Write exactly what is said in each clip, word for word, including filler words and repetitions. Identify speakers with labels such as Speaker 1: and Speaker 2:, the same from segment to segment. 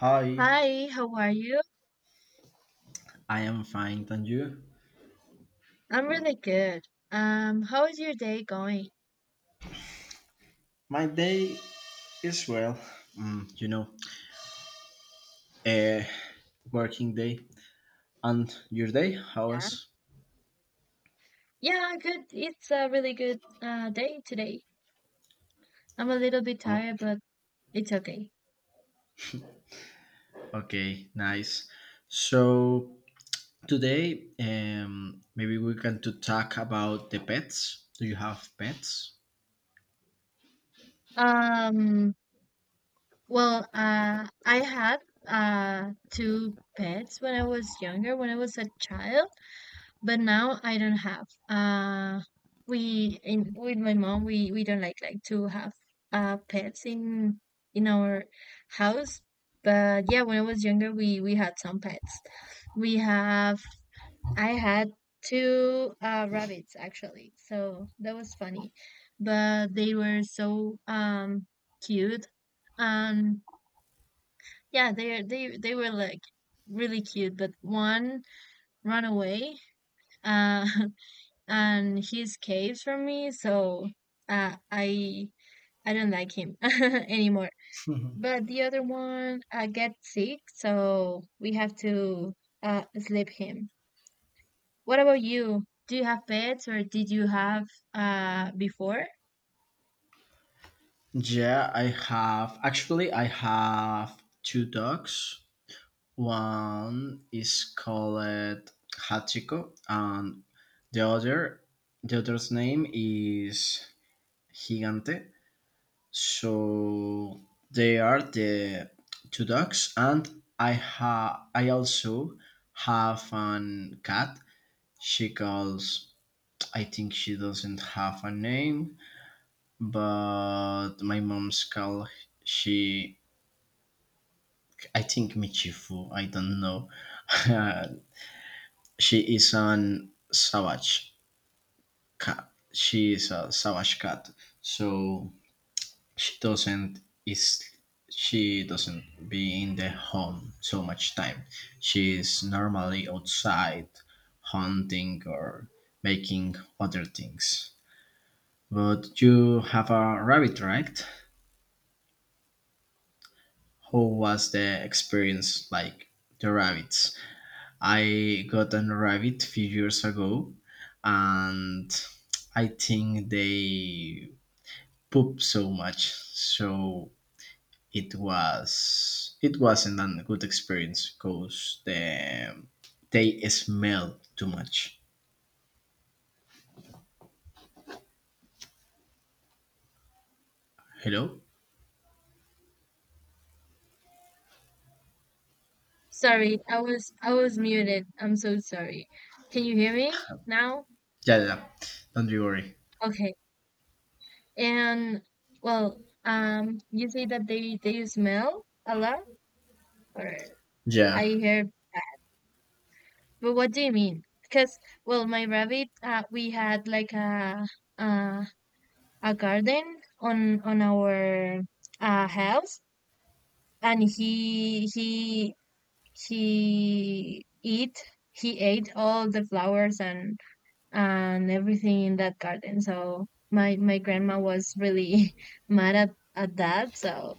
Speaker 1: Hi,
Speaker 2: Hi, how are you?
Speaker 1: I am fine, and you?
Speaker 2: I'm really good. Um, how is your day going?
Speaker 1: My day is well, mm, you know, a working day. And your day? How
Speaker 2: Yeah.
Speaker 1: was?
Speaker 2: Yeah, good. It's a really good uh day today. I'm a little bit tired,
Speaker 1: Okay,
Speaker 2: but it's okay.
Speaker 1: okay, nice. So today, um, maybe we can to talk about the pets. Do you have pets?
Speaker 2: Um, well, uh I had uh two pets when I was younger, when I was a child. But now I don't have. Uh, we in with my mom, we we don't like like to have uh pets in in our house. But yeah, when I was younger, we we had some pets. We have I had two uh rabbits actually, so that was funny. But they were so um cute and yeah, they are- they they were like really cute. But one ran away. Uh, and he escapes from me, so uh, I I don't like him anymore. But the other one uh, gets sick, so we have to uh, sleep him. What about you? Do you have pets, or did you have uh before?
Speaker 1: Yeah, I have. Actually, I have two dogs. One is called Hachiko, and the other, the other's name is Gigante. So they are the two dogs, and I ha I also have an cat. She calls. I think she doesn't have a name, but my mom's call she. I think Michifu. I don't know. She is an savage cat. She is a savage cat. So she doesn't is she doesn't be in the home so much time. She is normally outside hunting or making other things. But you have a rabbit, right? How was the experience like the rabbits? I got a rabbit few years ago, and I think they poop so much. So it was it wasn't a good experience because the they smell too much. Hello?
Speaker 2: Sorry, I was I was muted. I'm so sorry. Can you hear me now?
Speaker 1: Yeah, yeah, yeah. Don't you worry.
Speaker 2: Okay. And well, um, you say that they they smell a lot, or I
Speaker 1: Yeah.
Speaker 2: hear. But what do you mean? Because, well, my rabbit, uh, we had like a uh, a garden on on our uh, house, and he he he eat he ate all the flowers and and everything in that garden. So my my grandma was really mad at at that. So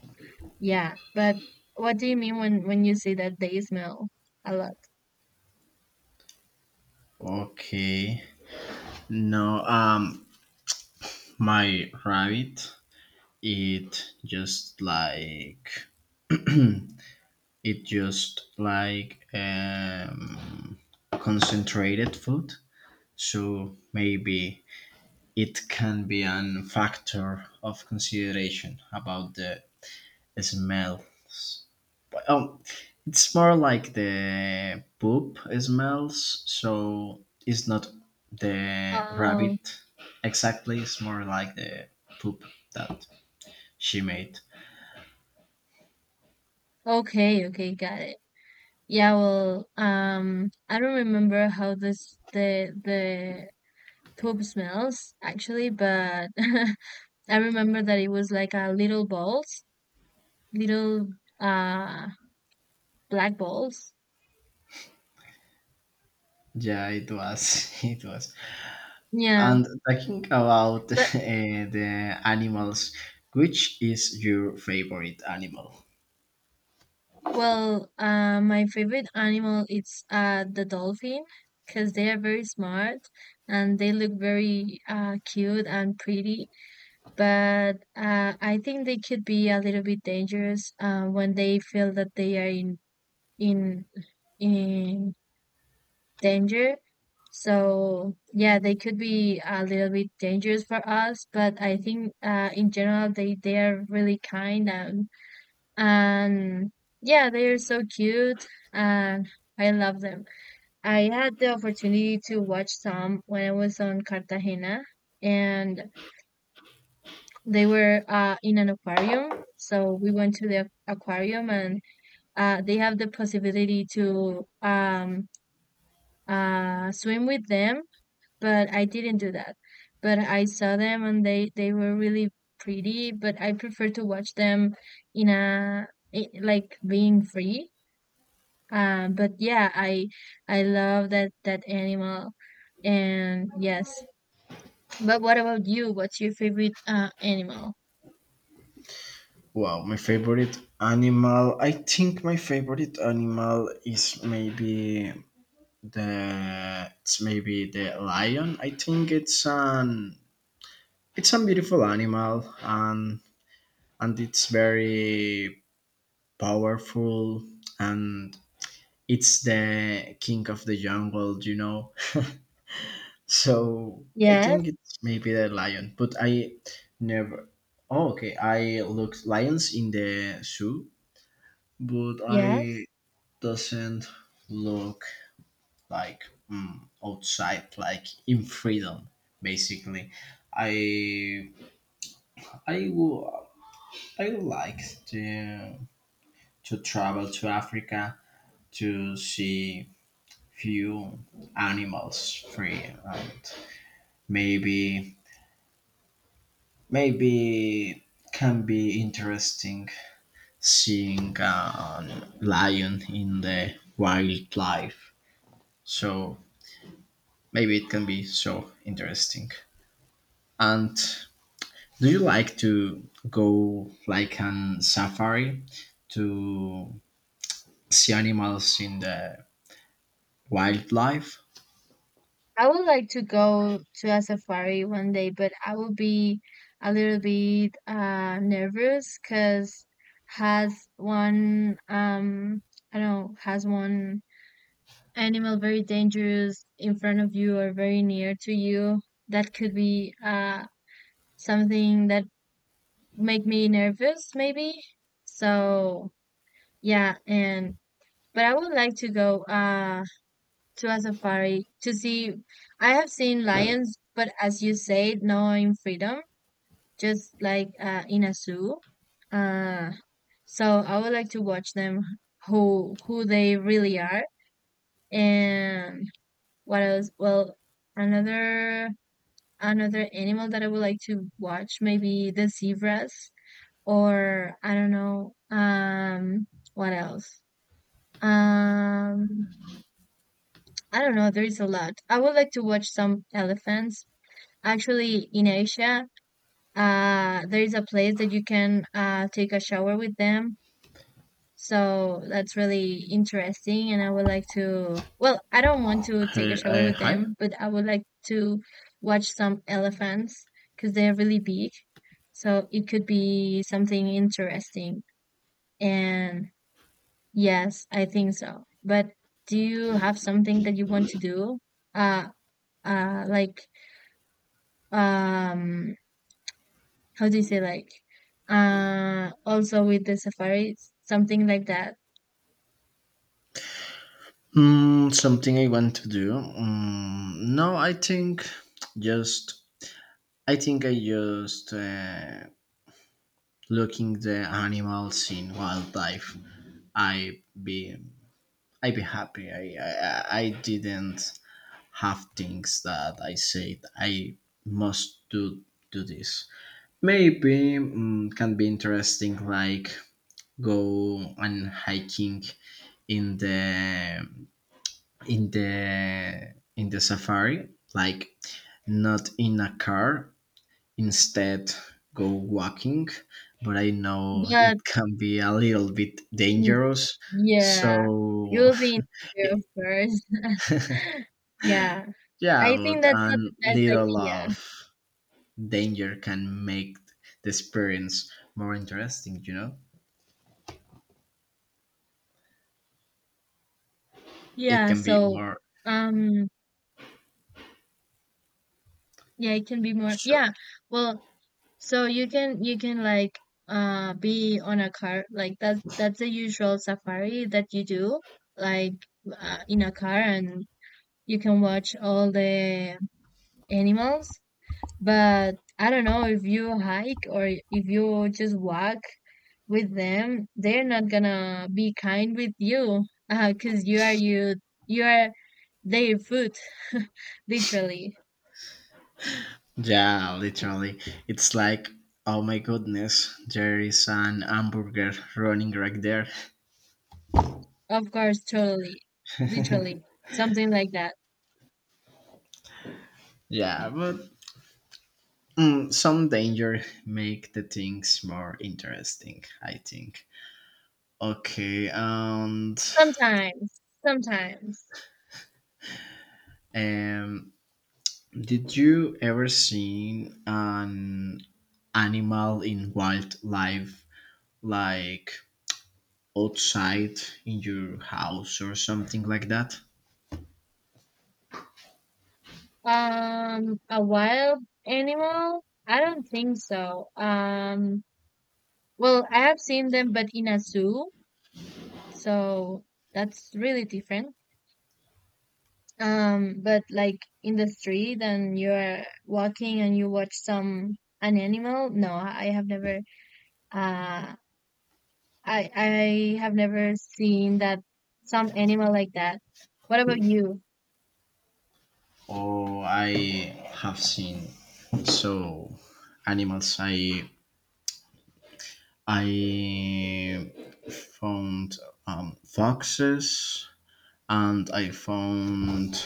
Speaker 2: yeah, but what do you mean when when you say that they smell a lot?
Speaker 1: Okay. No. Um, my rabbit. It just like it just like um concentrated food. So maybe it can be an factor of consideration about the smells. Oh, it's more like the poop smells. So it's not the
Speaker 2: Oh,
Speaker 1: rabbit exactly. It's more like the poop that she made.
Speaker 2: okay, okay, got it. Yeah, well, um, I don't remember how this the the poop smells actually, but I remember that it was like uh, little balls, little uh black balls.
Speaker 1: Yeah, it was. It was.
Speaker 2: Yeah,
Speaker 1: And talking about uh,
Speaker 2: but
Speaker 1: the animals, which is your favorite animal?
Speaker 2: well, uh, my favorite animal is uh the dolphin because they are very smart and they look very uh cute and pretty. But uh, I think they could be a little bit dangerous uh, when they feel that they are in in in danger. So yeah, they could be a little bit dangerous for us, but I think uh, in general they they are really kind and and yeah, they are so cute and I love them. I had the opportunity to watch some when I was on Cartagena, and they were uh, in an aquarium. So we went to the aquarium, and uh, they have the possibility to um, uh, swim with them, but I didn't do that. But I saw them and they they were really pretty, but I prefer to watch them in a i- like being free. Um, but yeah, I I love that that animal, and yes. But what about you? What's your favorite uh, animal?
Speaker 1: Wow, my favorite animal. I think my favorite animal is maybe the it's maybe the lion. I think it's an It's a beautiful animal, and and it's very powerful, and it's the king of the jungle, you know. So I
Speaker 2: Yes,
Speaker 1: think it's maybe the lion, but I never. Oh, okay. I looked lions in the zoo, but I
Speaker 2: yes.
Speaker 1: doesn't look like, mm, outside, like in freedom, basically. I I would I would like to to travel to Africa to see few animals free, and maybe maybe can be interesting seeing a lion in the wildlife. So maybe it can be so interesting. And do you like to go like on safari to see animals in the wildlife?
Speaker 2: I would like to go to a safari one day, but I will be a little bit uh nervous because has one um I don't know has one animal very dangerous in front of you or very near to you that could be uh something that make me nervous maybe. So yeah, and but I would like to go uh to a safari to see. I have seen lions, but as you said, not in freedom, just like uh, in a zoo. Uh, so I would like to watch them who who they really are and what else? Well, another another animal that I would like to watch maybe the zebras or I don't know um what else? Um I don't know, there is a lot. I would like to watch some elephants. Actually, in Asia, uh, there is a place that you can uh, take a shower with them. So that's really interesting. And I would like to, well, I don't want to
Speaker 1: Hi,
Speaker 2: take a shower
Speaker 1: I,
Speaker 2: with
Speaker 1: hi.
Speaker 2: them, but I would like to watch some elephants because they're really big. So it could be something interesting. And yes, I think so. But do you have something that you want to do? Uh, uh, like, um, how do you say like uh also with the safaris something like that
Speaker 1: Mm, something I want to do. Mm, no, I think just I think I just uh, looking the animals in wildlife. I be I be happy. I, I I I didn't have things that I said I must do do this. Maybe, mm, can be interesting, like go and hiking in the in the in the safari, like not in a car. Instead, go walking. But I know
Speaker 2: but
Speaker 1: it can be a little bit
Speaker 2: mm,
Speaker 1: dangerous.
Speaker 2: yeah you
Speaker 1: So
Speaker 2: will be in danger of
Speaker 1: it-
Speaker 2: course yeah
Speaker 1: yeah,
Speaker 2: I think
Speaker 1: but
Speaker 2: that's
Speaker 1: a
Speaker 2: not the best
Speaker 1: little of
Speaker 2: idea
Speaker 1: danger can make the experience more interesting. You know, it
Speaker 2: yeah
Speaker 1: can be
Speaker 2: so
Speaker 1: more.
Speaker 2: um yeah it can be more
Speaker 1: Sure.
Speaker 2: yeah. Well, so you can you can like uh be on a car like that's that's the usual safari that you do like uh, in a car and you can watch all the animals. But I don't know if you hike or if you just walk with them, they're not gonna be kind with you because you are you you are their food, literally.
Speaker 1: Yeah, literally. It's like, oh my goodness, there is an hamburger running right there.
Speaker 2: Of course, totally, literally, something like that.
Speaker 1: Yeah, but, mm, some danger make the things more interesting, I think. Okay, and
Speaker 2: Sometimes, sometimes.
Speaker 1: um, did you ever seen an animal in wildlife, like outside in your house or something like that?
Speaker 2: Um, a wild animal? I don't think so. Um, well, I have seen them, but in a zoo, so that's really different. Um, but like in the street and you're walking and you watch some an animal. No, I have never uh I I have never seen that some animal like that. What about you?
Speaker 1: Oh, I have seen so animals. I I found, um, foxes, and I found,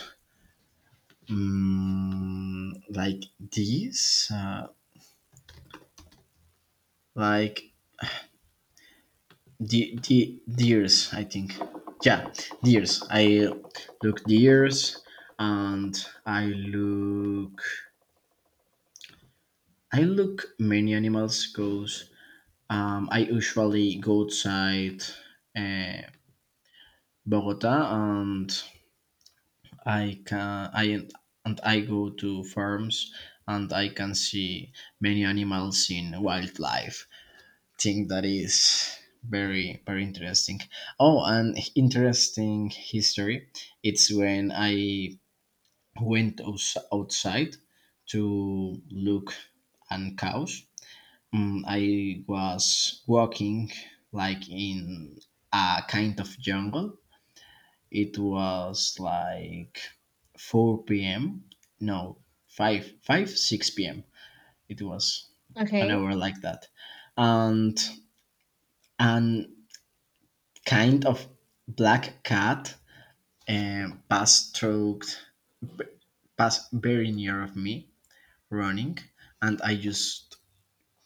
Speaker 1: um, like these, uh, like de- de- deers. I think, yeah, deers. I look deers, and I look I look many animals goes. Um, I usually go outside, uh, Bogota, and I can I and I go to farms, and I can see many animals in wildlife. Think that is very very interesting. Oh, and interesting history. It's when I went outs- outside to look and cows. Mm, I was walking like in a kind of jungle. It was like four p m. No, five, five, six p m. It was an
Speaker 2: Okay.
Speaker 1: hour like that. And an kind of black cat, um, passed through, passed very near of me running. And I just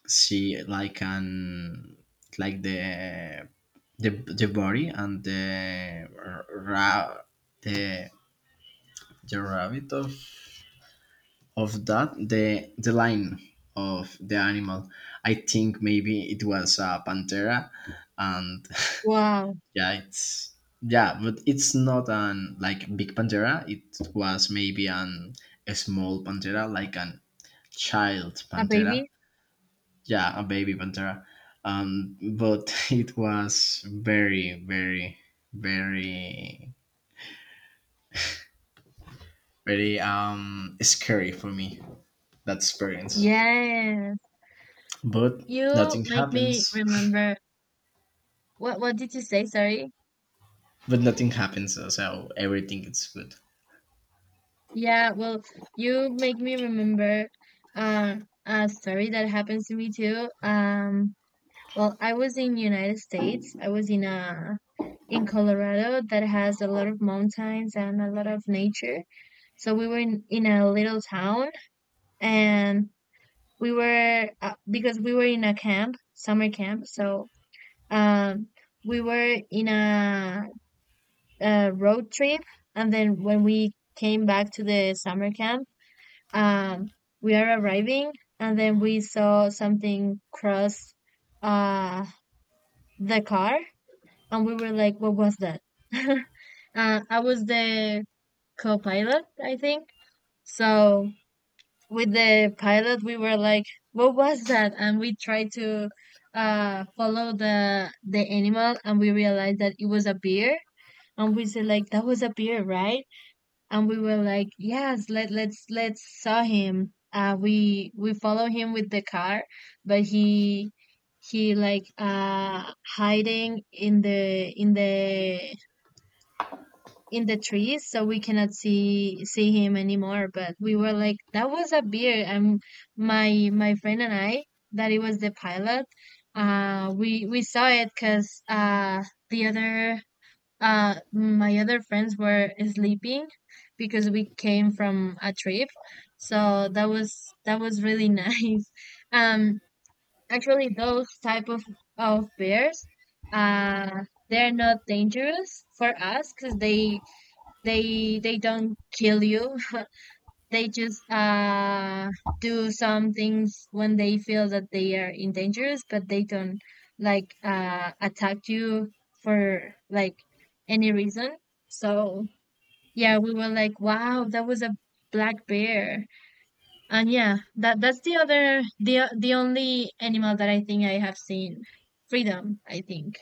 Speaker 1: see like an, like the the the body and the r- ra- the the rabbit of of that the the line of the animal. I think maybe it was a pantera, and
Speaker 2: Wow.
Speaker 1: yeah, it's, yeah, but it's not an like big pantera. It was maybe an a small pantera, like an child
Speaker 2: A
Speaker 1: pantera.
Speaker 2: baby?
Speaker 1: Yeah, a baby pantera. Um, but it was very, very, very, very, um scary for me that experience.
Speaker 2: Yes.
Speaker 1: But
Speaker 2: You
Speaker 1: nothing
Speaker 2: make me
Speaker 1: happens.
Speaker 2: remember what what did you say? Sorry.
Speaker 1: But nothing happens, so everything is good.
Speaker 2: Yeah, well, you make me remember uh a story that happens to me too. Um Well, I was in United States. I was in a in Colorado that has a lot of mountains and a lot of nature. So we were in, in a little town and we were uh, because we were in a camp, summer camp. So um we were in a, a road trip and then when we came back to the summer camp, um we are arriving and then we saw something cross uh the car and we were like, "What was that?" uh, I was the co-pilot, I think. So with the pilot, we were like, "What was that?" And we tried to uh, follow the the animal, and we realized that it was a bear. And we said like, "That was a bear, right?" And we were like, "Yes, let let's let's saw him." Uh, we we follow him with the car, but he he like uh hiding in the in the in the trees so we cannot see see him anymore. But we were like that was a bear, and my my friend and I that it was the pilot, uh we we saw it because uh the other uh my other friends were sleeping because we came from a trip. So that was that was really nice. um actually those type of of bears uh they're not dangerous for us because they they they don't kill you they just uh do some things when they feel that they are in dangerous but they don't like uh attack you for like any reason. So yeah, we were like, wow, that was a black bear. And yeah, that that's the other the o- the only animal that I think I have seen freedom, I think.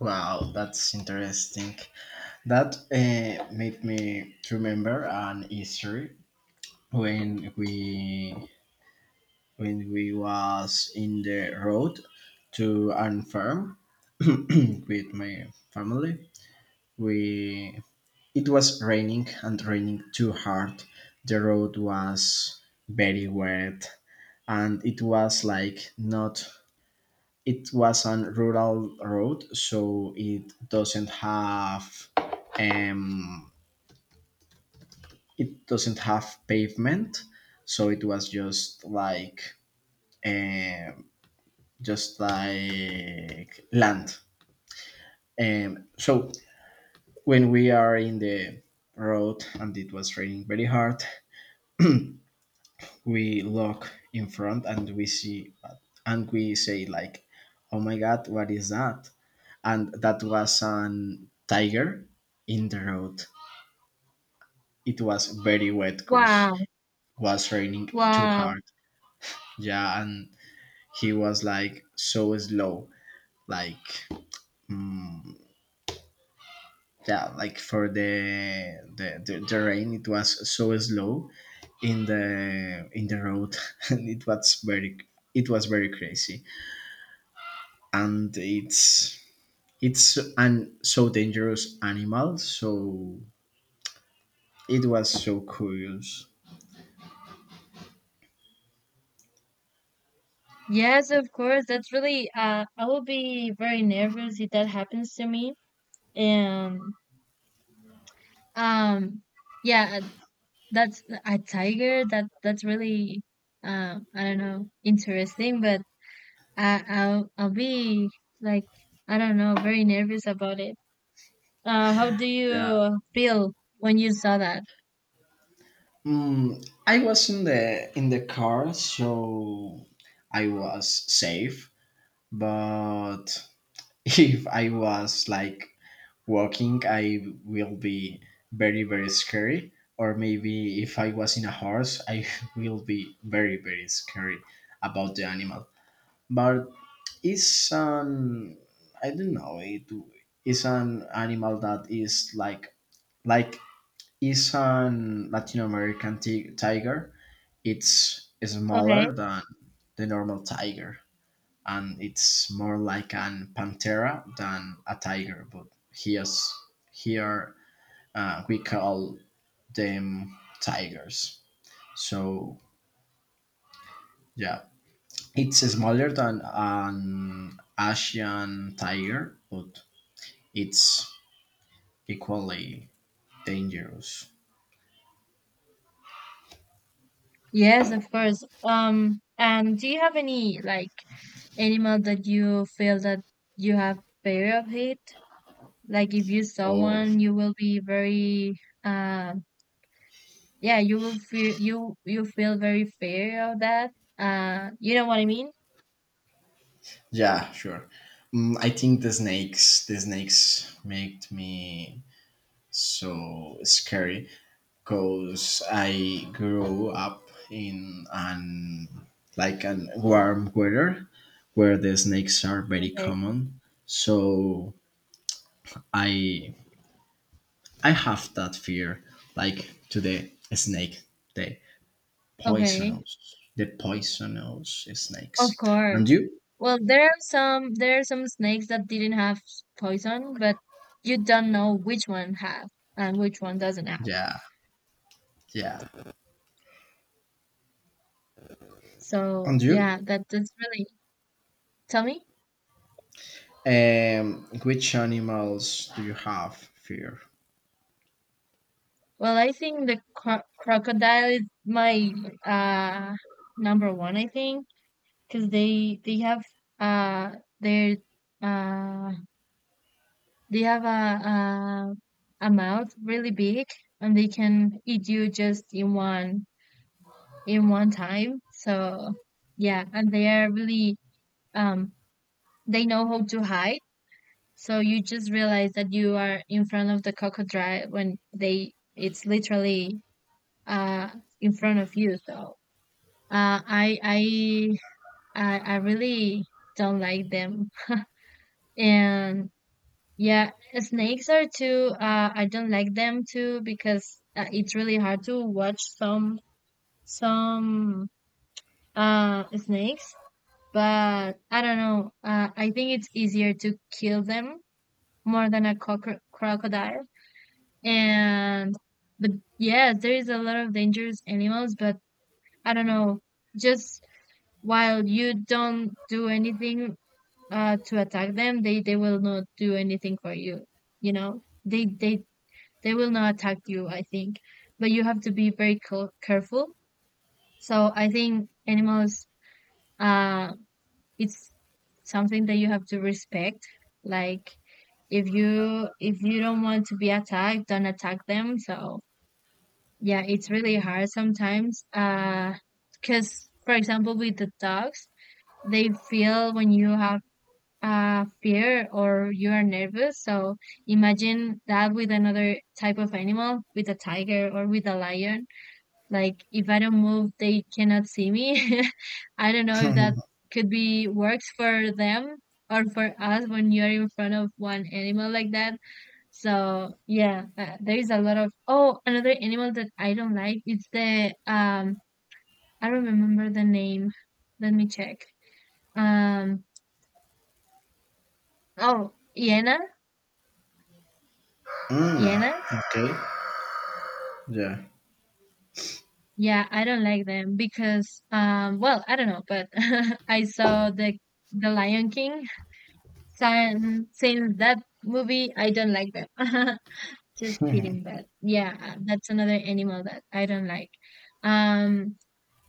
Speaker 1: Wow, that's interesting. That, uh, made me remember an history when we when we was in the road to an farm with my family. We It was raining and raining too hard. The road was very wet, and it was like not it was on rural road, so it doesn't have, um it doesn't have pavement. So it was just like, um just like land. Um so when we are in the road and it was raining very hard, we look in front and we see, and we say like, oh my god, what is that? And that was an tiger in the road. It was very wet because
Speaker 2: Wow,
Speaker 1: it was raining too
Speaker 2: wow.
Speaker 1: hard. Yeah, and he was like so slow. Like yeah, like for the the, the, the rain it was so slow in the in the road. And it was very it was very crazy. And it's it's an so dangerous animal, so it was so curious.
Speaker 2: Yes, of course. That's really uh I will be very nervous if that happens to me. And um yeah, uh, that's a tiger that that's really uh I don't know, interesting, but I I'll I'll be like I don't know, very nervous about it. Uh how do
Speaker 1: Yeah.
Speaker 2: you feel when you saw that?
Speaker 1: Mm, I was in the in the car, so I was safe. But if I was like walking, I will be very very scary. Or maybe if I was in a horse, I will be very very scary about the animal. But it's an, I don't know. It is an animal that is like like is an Latin American ti- tiger. It's
Speaker 2: Okay.
Speaker 1: smaller than the normal tiger, and it's more like an pantera than a tiger. But here's here, uh, we call them tigers. So yeah, it's smaller than an Asian tiger, but it's equally dangerous.
Speaker 2: Yes, of course. Um and do you have any like animal that you feel that you have fear of it? Like if you saw
Speaker 1: Oh
Speaker 2: one you will be very uh yeah you will feel you you feel very fear of that uh you know what I mean.
Speaker 1: yeah, sure. Mm, I think the snakes, the snakes make me so scary because I grew up in an like an warm weather where the snakes are very
Speaker 2: Okay,
Speaker 1: common. So I I have that fear like to the snake, the
Speaker 2: okay,
Speaker 1: poisonous, the poisonous
Speaker 2: of
Speaker 1: snakes. And
Speaker 2: course.
Speaker 1: you?
Speaker 2: Well, there are some there are some snakes that didn't have s- poison but you don't know which one have and which one doesn't have.
Speaker 1: Yeah, yeah.
Speaker 2: So
Speaker 1: And you?
Speaker 2: yeah, that that's really. Tell me.
Speaker 1: Um, which animals do you have fear?
Speaker 2: Well, I think the cro- crocodile is my uh number one, I think, because they they have uh their uh they have a, a a mouth really big and they can eat you just in one in one time. So yeah, and they are really um they know how to hide. So you just realize that you are in front of the crocodile when they it's literally uh in front of you. So uh I I I, I really don't like them and yeah, snakes are too. Uh, I don't like them too because uh, it's really hard to watch some some uh snakes. But I don't know. Uh, I think it's easier to kill them more than a cockro crocodile. And but yes, there is a lot of dangerous animals. But I don't know. Just while you don't do anything uh to attack them, they they will not do anything for you. You know, they they they will not attack you, I think. But you have to be very co- careful. So I think animals, uh, it's something that you have to respect. Like if you if you don't want to be attacked, don't attack them. So yeah, it's really hard sometimes. Uh, because for example, with the dogs, they feel when you have uh, fear or you are nervous. So imagine that with another type of animal, with a tiger or with a lion. Like if I don't move, they cannot see me. I don't know if that could be works for them or for us when you're in front of one animal like that. So yeah, uh, there is a lot of oh another animal that I don't like. It's the um I don't remember the name. Let me check. Um oh, hyena.
Speaker 1: Mm,
Speaker 2: Hyena.
Speaker 1: okay. Yeah.
Speaker 2: Yeah, I don't like them because um well, I don't know, but I saw the the Lion King. Sin- Since that movie, I don't like them. Just kidding, but yeah, that's another animal that I don't like. Um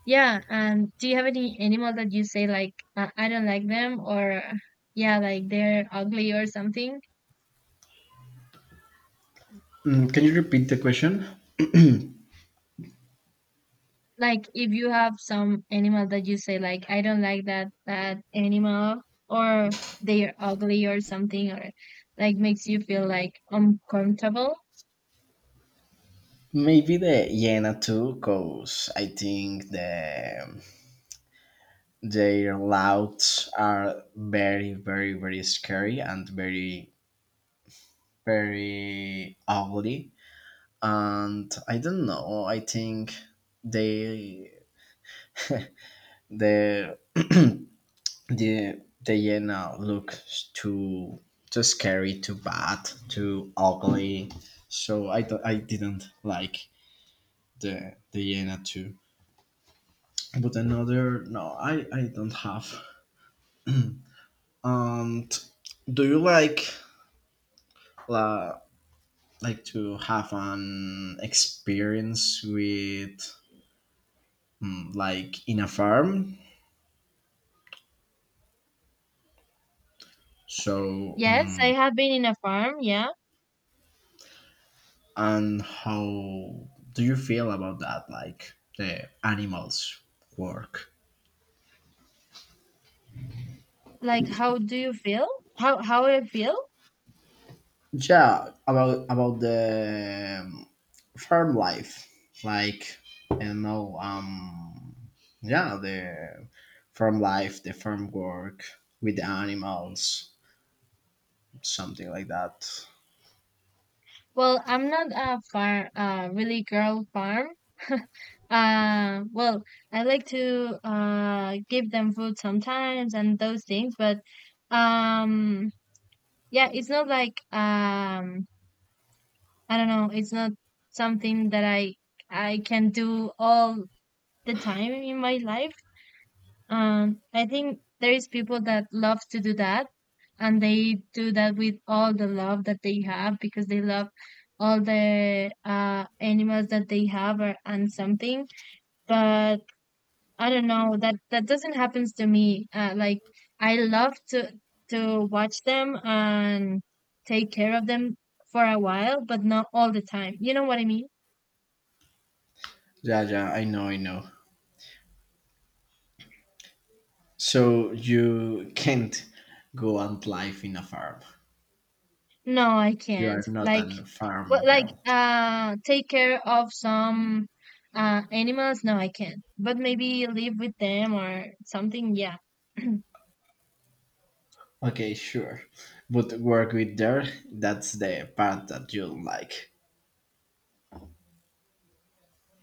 Speaker 2: yeah, and do you have any animal that you say like uh, I don't like them, or yeah, like they're ugly or something?
Speaker 1: Mm, can you repeat the question?
Speaker 2: Like if you have some animal that you say like I don't like that that animal, or they are ugly or something, or like makes you feel like uncomfortable.
Speaker 1: Maybe the hyena too, cause I think the their louds are very, very, very scary, and very, very ugly. And I don't know. I think they the the the hyena look too, too scary, too bad, too ugly. So I don't, I didn't like the the hyena too. But another, no, I, I don't have. And do you like la, like to have an experience with, mm, like in a farm, so,
Speaker 2: Yes, I
Speaker 1: mm,
Speaker 2: have been in a farm, yeah.
Speaker 1: and how do you feel about that, like the animals work?
Speaker 2: Like how do you feel? How how I feel?
Speaker 1: Yeah, about about the, um, farm life, like you know, um, yeah, the farm life, the farm work with the animals, something like that.
Speaker 2: Well, I'm not a farm uh really girl farm. Uh well, I like to uh give them food sometimes and those things, but um yeah, it's not like um I don't know, it's not something that I I can do all the time in my life. Um, I think there is people that love to do that and they do that with all the love that they have because they love all the uh animals that they have or and something. But I don't know, that that doesn't happen to me. Uh, like I love to to watch them and take care of them for a while, but not all the time. You know what I mean?
Speaker 1: Yeah, yeah, I know, I know. So you can't go and live in a farm.
Speaker 2: No, I
Speaker 1: You are
Speaker 2: can't.
Speaker 1: not
Speaker 2: Like,
Speaker 1: a
Speaker 2: well,
Speaker 1: farm
Speaker 2: like,
Speaker 1: girl.
Speaker 2: uh, take care of some uh animals. No, I can't. But maybe live with them or something. Yeah.
Speaker 1: Okay, sure, but work with there. That's the part that you don't like.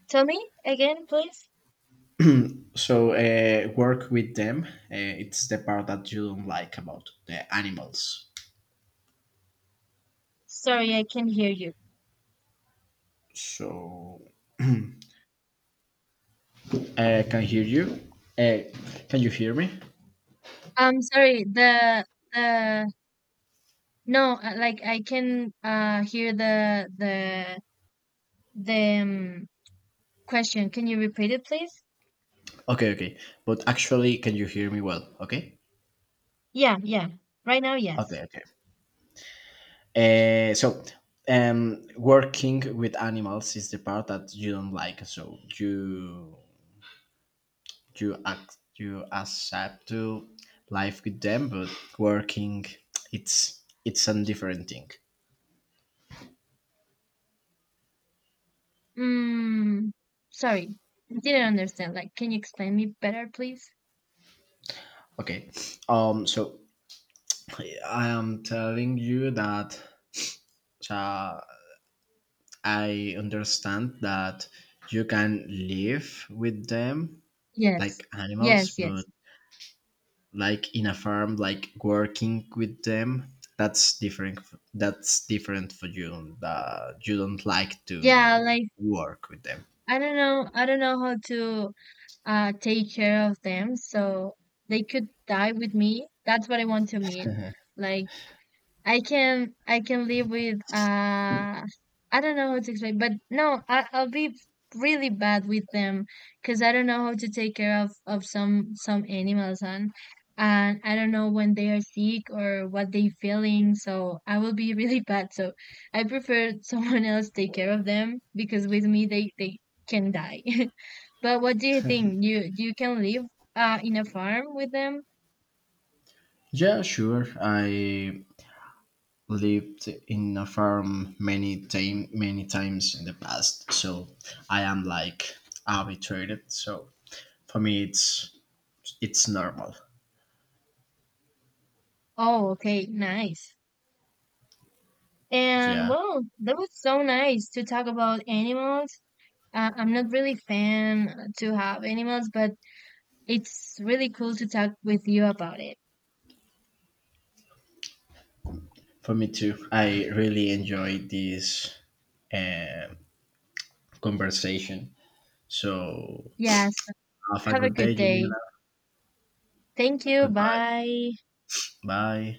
Speaker 2: Tell me again, please.
Speaker 1: So uh, work with them, uh, it's the part that you don't like about the animals.
Speaker 2: Sorry, I can not hear you.
Speaker 1: So uh, can hear you, uh, can you hear me?
Speaker 2: I'm sorry. The the no, uh, like I can uh hear the the the um, question. Can you repeat it, please?
Speaker 1: Okay, okay, but actually can you hear me well? Okay,
Speaker 2: Yeah, yeah. Right now,
Speaker 1: okay,
Speaker 2: yes.
Speaker 1: okay. uh, so, um working with animals is the part that you don't like. So you you act you accept to life with them, but working, it's it's a different thing.
Speaker 2: Mm, sorry. I didn't understand. Like, can you explain me better, please?
Speaker 1: Okay. Um so I am telling you that, uh, I understand that you can live with them,
Speaker 2: Yes.
Speaker 1: like animals,
Speaker 2: Yes,
Speaker 1: but
Speaker 2: yes.
Speaker 1: like in a farm, like working with them, that's different. f- That's different for you. That you don't like
Speaker 2: Yeah,
Speaker 1: to
Speaker 2: like
Speaker 1: work with them.
Speaker 2: I don't know, I don't know how to uh take care of them, so they could die with me. That's what I want to mean. Like I can I can live with uh I don't know how to explain, but no, I, I'll be really bad with them because I don't know how to take care of of some some animals and and I don't know when they are sick or what they feeling, so I will be really bad. So I prefer someone else take care of them because with me they they can die. But what do you think? You you can live uh in a farm with them?
Speaker 1: Yeah, sure. I lived in a farm many time many times in the past, so I am like habituated, so for me it's it's normal.
Speaker 2: Oh, okay, nice. And
Speaker 1: Yeah,
Speaker 2: well, that was so nice to talk about animals. Uh, I'm not really fan to have animals, but it's really cool to talk with you about it.
Speaker 1: for me too, I really enjoyed this, uh, conversation. So
Speaker 2: Yes,
Speaker 1: have a
Speaker 2: have a
Speaker 1: good day,
Speaker 2: good day.
Speaker 1: Juliana.
Speaker 2: Thank you.
Speaker 1: Goodbye.
Speaker 2: Bye.
Speaker 1: Bye.